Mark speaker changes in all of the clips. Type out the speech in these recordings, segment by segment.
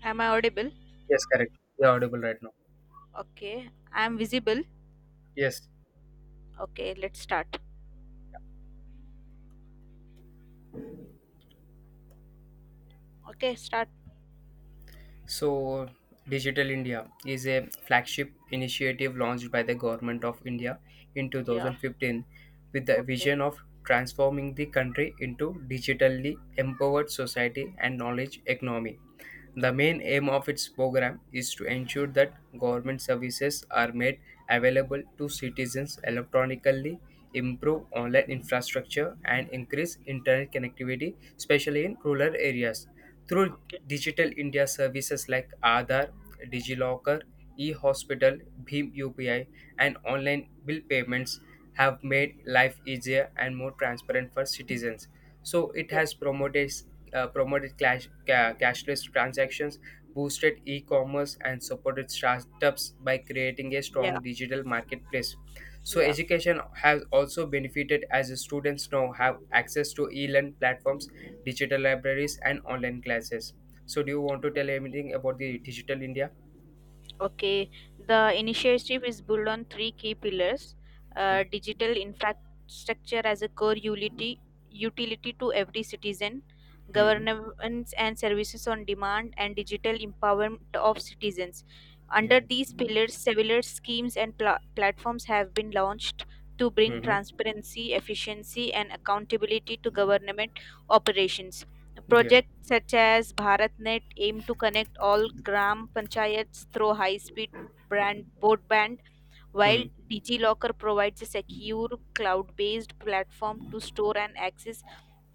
Speaker 1: Am I audible?
Speaker 2: Yes, correct. You're audible right now.
Speaker 1: Okay. I'm visible.
Speaker 2: Yes.
Speaker 1: Okay, let's start. Okay, start.
Speaker 2: So, Digital India is a flagship initiative launched by the Government of India in
Speaker 1: Yeah.
Speaker 2: 2015 with the
Speaker 1: Okay.
Speaker 2: vision of transforming the country into digitally empowered society and knowledge economy. The main
Speaker 1: Okay.
Speaker 2: aim of its program is to ensure that government services are made available to citizens electronically, improve
Speaker 1: Okay.
Speaker 2: online infrastructure, and increase internet connectivity, especially in rural areas. Through
Speaker 1: Okay.
Speaker 2: Digital India services like Aadhaar, DigiLocker, e-hospital, Bhim UPI, and online bill payments have made life easier and more transparent for citizens. So it
Speaker 1: Yeah.
Speaker 2: has promoted cashless transactions, boosted e-commerce, and supported startups by creating a
Speaker 1: Yeah.
Speaker 2: strong digital marketplace. So
Speaker 1: Yeah.
Speaker 2: education has also benefited as the students now have access to e-learn platforms, digital libraries, and online classes. So, do you want to tell anything about the Digital India?
Speaker 1: Okay, the initiative is built on three key pillars, digital infrastructure as a core utility, utility to every citizen,
Speaker 2: Mm-hmm.
Speaker 1: governance and services on demand, and digital empowerment of citizens.
Speaker 2: Yeah.
Speaker 1: Under these pillars, several schemes and platforms have been launched to bring
Speaker 2: Mm-hmm.
Speaker 1: transparency, efficiency, and accountability to government operations.
Speaker 2: Yeah.
Speaker 1: Projects such as BharatNet aim to connect all gram panchayats through high-speed brand broadband, while
Speaker 2: Mm.
Speaker 1: DigiLocker provides a secure cloud-based platform to store and access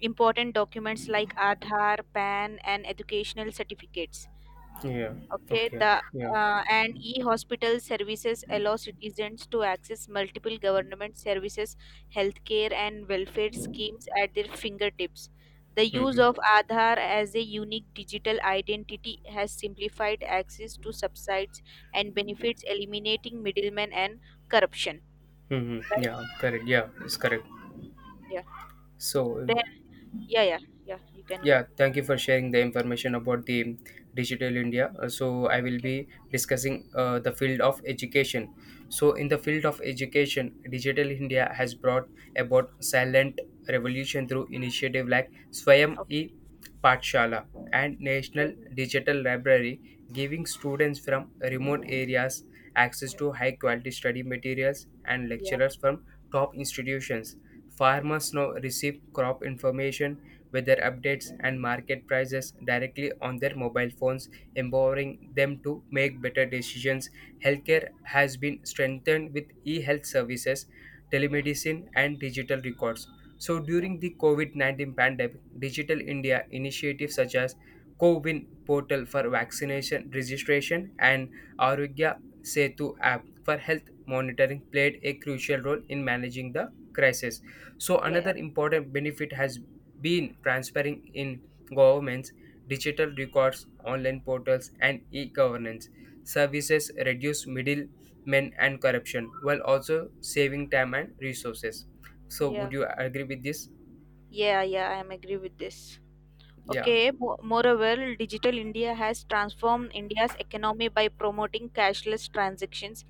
Speaker 1: important documents like Aadhaar, PAN, and educational certificates.
Speaker 2: Yeah.
Speaker 1: Okay,
Speaker 2: Okay.
Speaker 1: the
Speaker 2: Yeah.
Speaker 1: and e-hospital services allow citizens to access multiple government services, healthcare and welfare schemes at their fingertips. The use
Speaker 2: Mm-hmm.
Speaker 1: of aadhaar as a unique digital identity has simplified access to subsides and benefits, eliminating middlemen and corruption,
Speaker 2: Mm-hmm.
Speaker 1: right?
Speaker 2: Yeah. Correct. Yeah. It's correct.
Speaker 1: Yeah,
Speaker 2: So,
Speaker 1: then, yeah, yeah, you can go.
Speaker 2: yeah, thank you for sharing the information about the Digital India. So, I will
Speaker 1: Okay.
Speaker 2: be discussing the field of education. So, in the field of education, Digital India has brought about silent revolution through initiative like Swayam e
Speaker 1: Okay.
Speaker 2: Patshala and
Speaker 1: Yeah.
Speaker 2: National Digital Library, giving students from remote areas access to high quality study materials and
Speaker 1: Yeah.
Speaker 2: lecturers from top institutions. Farmers now receive crop information weather updates, and market prices directly on their mobile phones, empowering them to make better decisions.
Speaker 1: Yeah.
Speaker 2: Healthcare
Speaker 1: Yeah.
Speaker 2: has been strengthened with e health services,
Speaker 1: Yeah. Yeah.
Speaker 2: telemedicine, and digital records. So, during the COVID-19 pandemic, Digital India initiatives such as CoWIN portal for vaccination registration and Arugya Setu app for health monitoring played a crucial role in managing the crisis. So,
Speaker 1: Yeah.
Speaker 2: another important benefit has been transferring in governments, digital records, online portals, and e governance. Services reduce middlemen and corruption while also saving time and resources. So,
Speaker 1: Yeah.
Speaker 2: would you agree with this?
Speaker 1: Yeah. Yeah, I am agree with this.
Speaker 2: Yeah.
Speaker 1: Okay, moreover, Digital India has transformed India's economy by promoting cashless transactions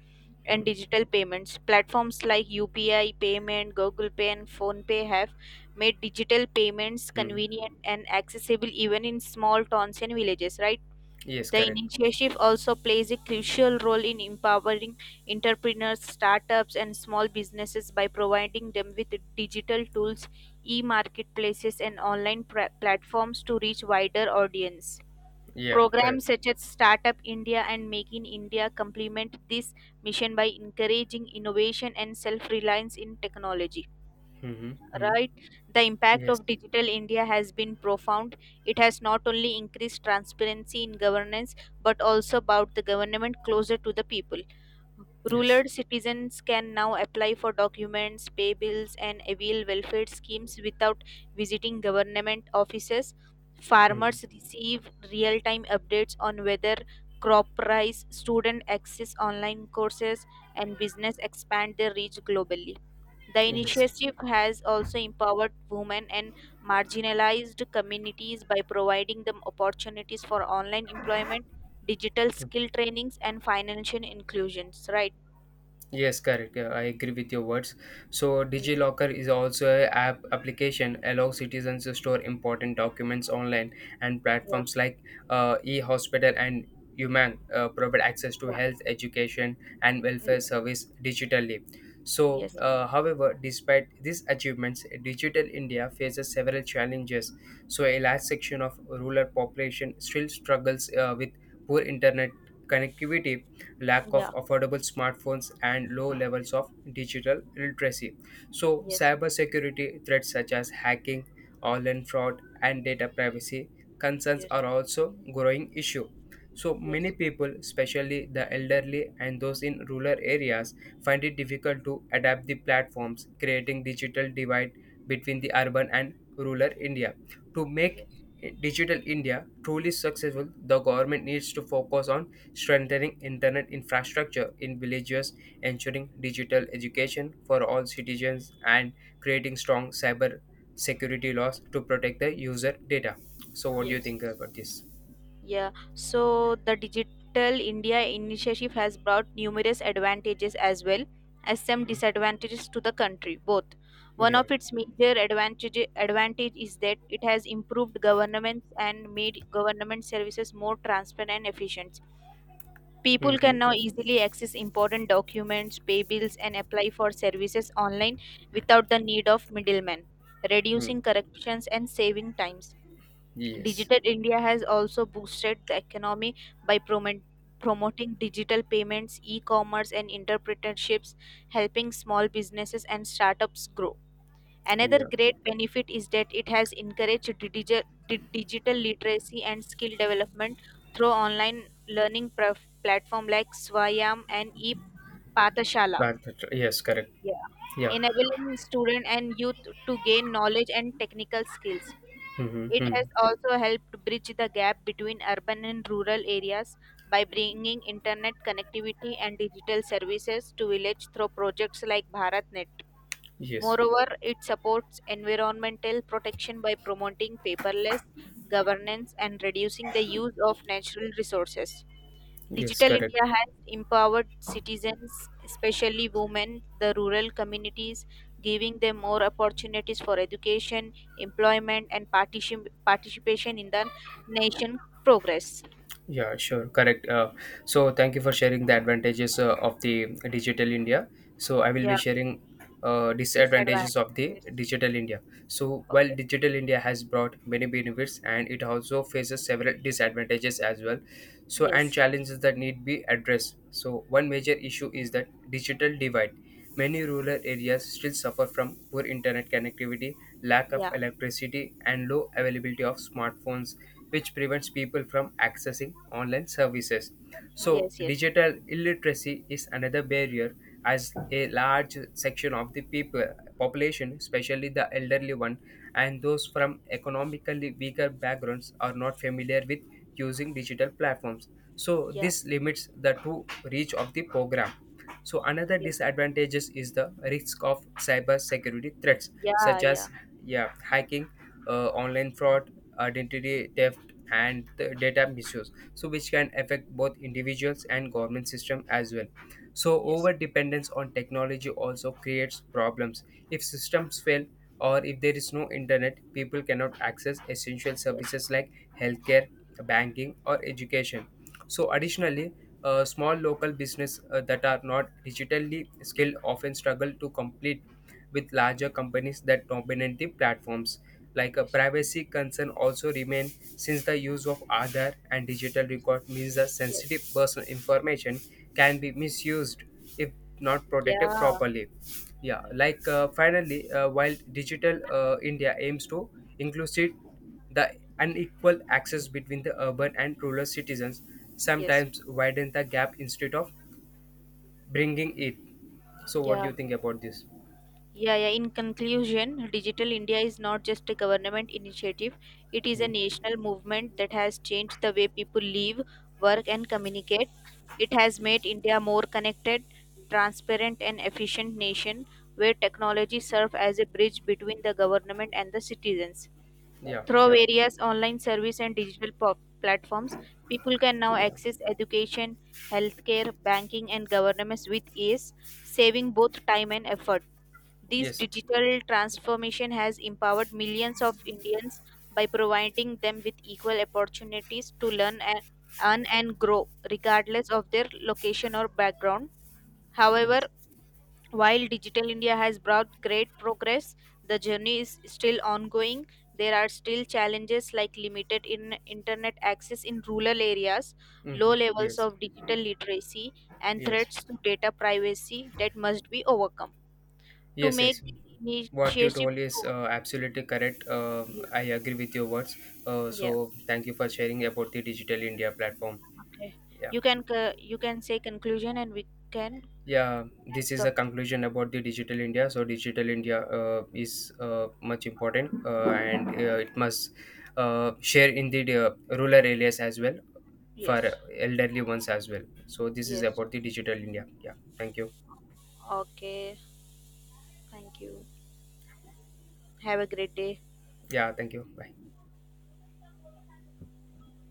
Speaker 1: and
Speaker 2: Hmm.
Speaker 1: digital payments. Platforms like UPI payment, Google Pay, and Phone Pay have made digital payments
Speaker 2: Hmm.
Speaker 1: convenient and accessible even in small towns and villages, right?
Speaker 2: Yes,
Speaker 1: The
Speaker 2: correct.
Speaker 1: initiative also plays a crucial role in empowering entrepreneurs, startups, and small businesses by providing them with digital tools, e marketplaces, and online platforms to reach wider audience.
Speaker 2: Yeah,
Speaker 1: Programs
Speaker 2: correct.
Speaker 1: such as Startup India and Make in India complement this mission by encouraging innovation and self reliance in technology,
Speaker 2: Mm-hmm.
Speaker 1: right? The impact
Speaker 2: Yes,
Speaker 1: of digital india has been profound. It has not only increased transparency in governance but also brought the government closer to the people. Rural
Speaker 2: yes.
Speaker 1: citizens can now apply for documents, pay bills, and avail welfare schemes without visiting government offices.
Speaker 2: Hmm.
Speaker 1: Farmers receive real time updates on weather, crop price, students access online courses, and business expand their reach globally. The
Speaker 2: Yes.
Speaker 1: initiative has also empowered women and marginalized communities by providing them opportunities for online employment, digital skill trainings and financial inclusions, right?
Speaker 2: Yes, correct. Yeah, I agree with your words. So,
Speaker 1: yeah
Speaker 2: DigiLocker is also a app application allow citizens to store important documents online, and platforms
Speaker 1: yeah
Speaker 2: like eHospital and Umang provide access to
Speaker 1: yeah,
Speaker 2: health, education, and
Speaker 1: yeah.
Speaker 2: welfare service digitally. So,
Speaker 1: Yes.
Speaker 2: however, despite these achievements, Digital India faces several challenges. So, a large section of rural population still struggles with poor internet connectivity, lack of
Speaker 1: Yeah.
Speaker 2: affordable smartphones, and low levels of digital literacy. So,
Speaker 1: Yes.
Speaker 2: cybersecurity threats such as hacking, online fraud, and data privacy concerns
Speaker 1: Yes.
Speaker 2: are also growing issue. So many
Speaker 1: Yes.
Speaker 2: people, especially the elderly and those in rural areas, find it difficult to adapt the platforms, creating digital divide between the urban and rural India. To make
Speaker 1: Yes.
Speaker 2: Digital India truly successful, the government needs to focus on strengthening internet infrastructure in villages, ensuring digital education for all citizens, and creating strong cyber security laws to protect the user data. So, what do you
Speaker 1: Yes.
Speaker 2: think
Speaker 1: Yes.
Speaker 2: about this?
Speaker 1: Yeah, so the digital india initiative has brought numerous advantages as well as some
Speaker 2: Mm,
Speaker 1: disadvantages to the country both. One
Speaker 2: yeah.
Speaker 1: of its major advantage is that it has improved governments and made government services more transparent and efficient. People can
Speaker 2: Mm-hmm.
Speaker 1: now easily access important documents, pay bills, and apply for services online without the need of middlemen, reducing
Speaker 2: Mm.
Speaker 1: corruptions and saving times.
Speaker 2: Yes.
Speaker 1: Digital India has also boosted the economy by promoting digital payments, e commerce, and entrepreneurships, helping small businesses and startups grow. Another
Speaker 2: Yeah.
Speaker 1: great benefit is that it has encouraged digital literacy and skill development through online learning platform like Swayam and e-Pathashala.
Speaker 2: Yes. Correct.
Speaker 1: Yeah.
Speaker 2: Yeah.
Speaker 1: Enabling student and youth to gain knowledge and technical skills. It has
Speaker 2: Mm-hmm.
Speaker 1: also helped bridge the gap between urban and rural areas by bringing internet connectivity and digital services to village through projects like BharatNet.
Speaker 2: Yes.
Speaker 1: Moreover, it supports environmental protection by promoting paperless governance and reducing the use of natural resources.
Speaker 2: Yes.
Speaker 1: Digital
Speaker 2: Correct.
Speaker 1: India has empowered citizens, especially women, the rural communities, giving them more opportunities for education, employment, and participation in the nation progress.
Speaker 2: Yeah, sure. Correct. So, thank you for sharing the advantages of the Digital India. So I will be
Speaker 1: Yeah,
Speaker 2: sharing disadvantages
Speaker 1: disadvantage.
Speaker 2: of the
Speaker 1: Yes.
Speaker 2: Digital India. So while
Speaker 1: Okay.
Speaker 2: Digital India has brought many benefits, and it also faces several disadvantages as well. So and
Speaker 1: Yes.
Speaker 2: challenges that need be addressed. So one major issue is that digital divide. Many rural areas still suffer from poor internet connectivity, lack of
Speaker 1: Yeah.
Speaker 2: electricity, and low availability of smartphones, which prevents people from accessing online services. So,
Speaker 1: Yes. Yes.
Speaker 2: digital illiteracy is another barrier as a large section of the people population, especially the elderly one and those from economically weaker backgrounds, are not familiar with using digital platforms, so
Speaker 1: Yeah.
Speaker 2: this limits the true reach of the program. So another
Speaker 1: Yes.
Speaker 2: disadvantages is the risk of cyber security threats
Speaker 1: Yeah.
Speaker 2: such
Speaker 1: Yeah.
Speaker 2: as, yeah, hacking, online fraud, identity theft, and the data misuse. So which can affect both individuals and government system as well. So
Speaker 1: Yes.
Speaker 2: over dependence on technology also creates problems. If systems fail or if there is no internet, people cannot access essential
Speaker 1: Yes.
Speaker 2: services like healthcare, banking or education. So
Speaker 1: Yes.
Speaker 2: additionally, small local business that are not digitally skilled often struggle to complete with larger companies that dominate the platforms. Like a
Speaker 1: Yes.
Speaker 2: privacy concern also remain since the use of Aadhaar and digital record means the
Speaker 1: Yes.
Speaker 2: sensitive personal information can be misused if not
Speaker 1: Yeah.
Speaker 2: protected
Speaker 1: Yeah.
Speaker 2: properly. Yeah, like finally, while Digital India aims to inclusive the unequal access between the urban and rural citizens,
Speaker 1: Yes.
Speaker 2: sometimes widen the gap instead of bringing it. So, what do
Speaker 1: Yeah.
Speaker 2: you think about this?
Speaker 1: Yeah. In conclusion, Digital India is not just a government initiative, it is a
Speaker 2: Hmm.
Speaker 1: national movement that has changed the way people live, work, and
Speaker 2: Yes.
Speaker 1: communicate. It has made
Speaker 2: Yes,
Speaker 1: India more connected, transparent, and efficient nation where technology serves as a bridge between the government and the citizens.
Speaker 2: yeah,
Speaker 1: Through
Speaker 2: yeah,
Speaker 1: various online service and digital platforms, people can now
Speaker 2: yeah.
Speaker 1: access education, healthcare, banking, and governance with ease, saving both time and effort. This
Speaker 2: Yes,
Speaker 1: digital transformation has empowered millions of Indians by providing them with equal opportunities to learn and earn and grow, regardless of their location or background. However,
Speaker 2: yes.
Speaker 1: while Digital India has brought great progress, the journey is still ongoing. There are still challenges like limited in internet access in rural areas,
Speaker 2: Hmm.
Speaker 1: low levels
Speaker 2: Yes,
Speaker 1: of digital literacy, and
Speaker 2: yes,
Speaker 1: threats to data privacy that must be overcome. To
Speaker 2: yes, yes,
Speaker 1: make this
Speaker 2: what you
Speaker 1: initiative
Speaker 2: told is
Speaker 1: true,
Speaker 2: absolutely correct. Uh,
Speaker 1: yeah,
Speaker 2: i agree with your words. So
Speaker 1: yeah,
Speaker 2: thank you for sharing about the Digital India platform.
Speaker 1: okay.
Speaker 2: Yeah,
Speaker 1: You can you can say conclusion, and we can
Speaker 2: yeah, this
Speaker 1: end
Speaker 2: is
Speaker 1: the,
Speaker 2: the conclusion about the Digital India. So Digital India is much important, and it must share in the rural areas as well, for
Speaker 1: yes,
Speaker 2: elderly ones as well. So this is
Speaker 1: yes.
Speaker 2: about the Digital India. Yeah, thank you.
Speaker 1: Okay, thank you. Have a great day.
Speaker 2: Yeah, thank you. Bye.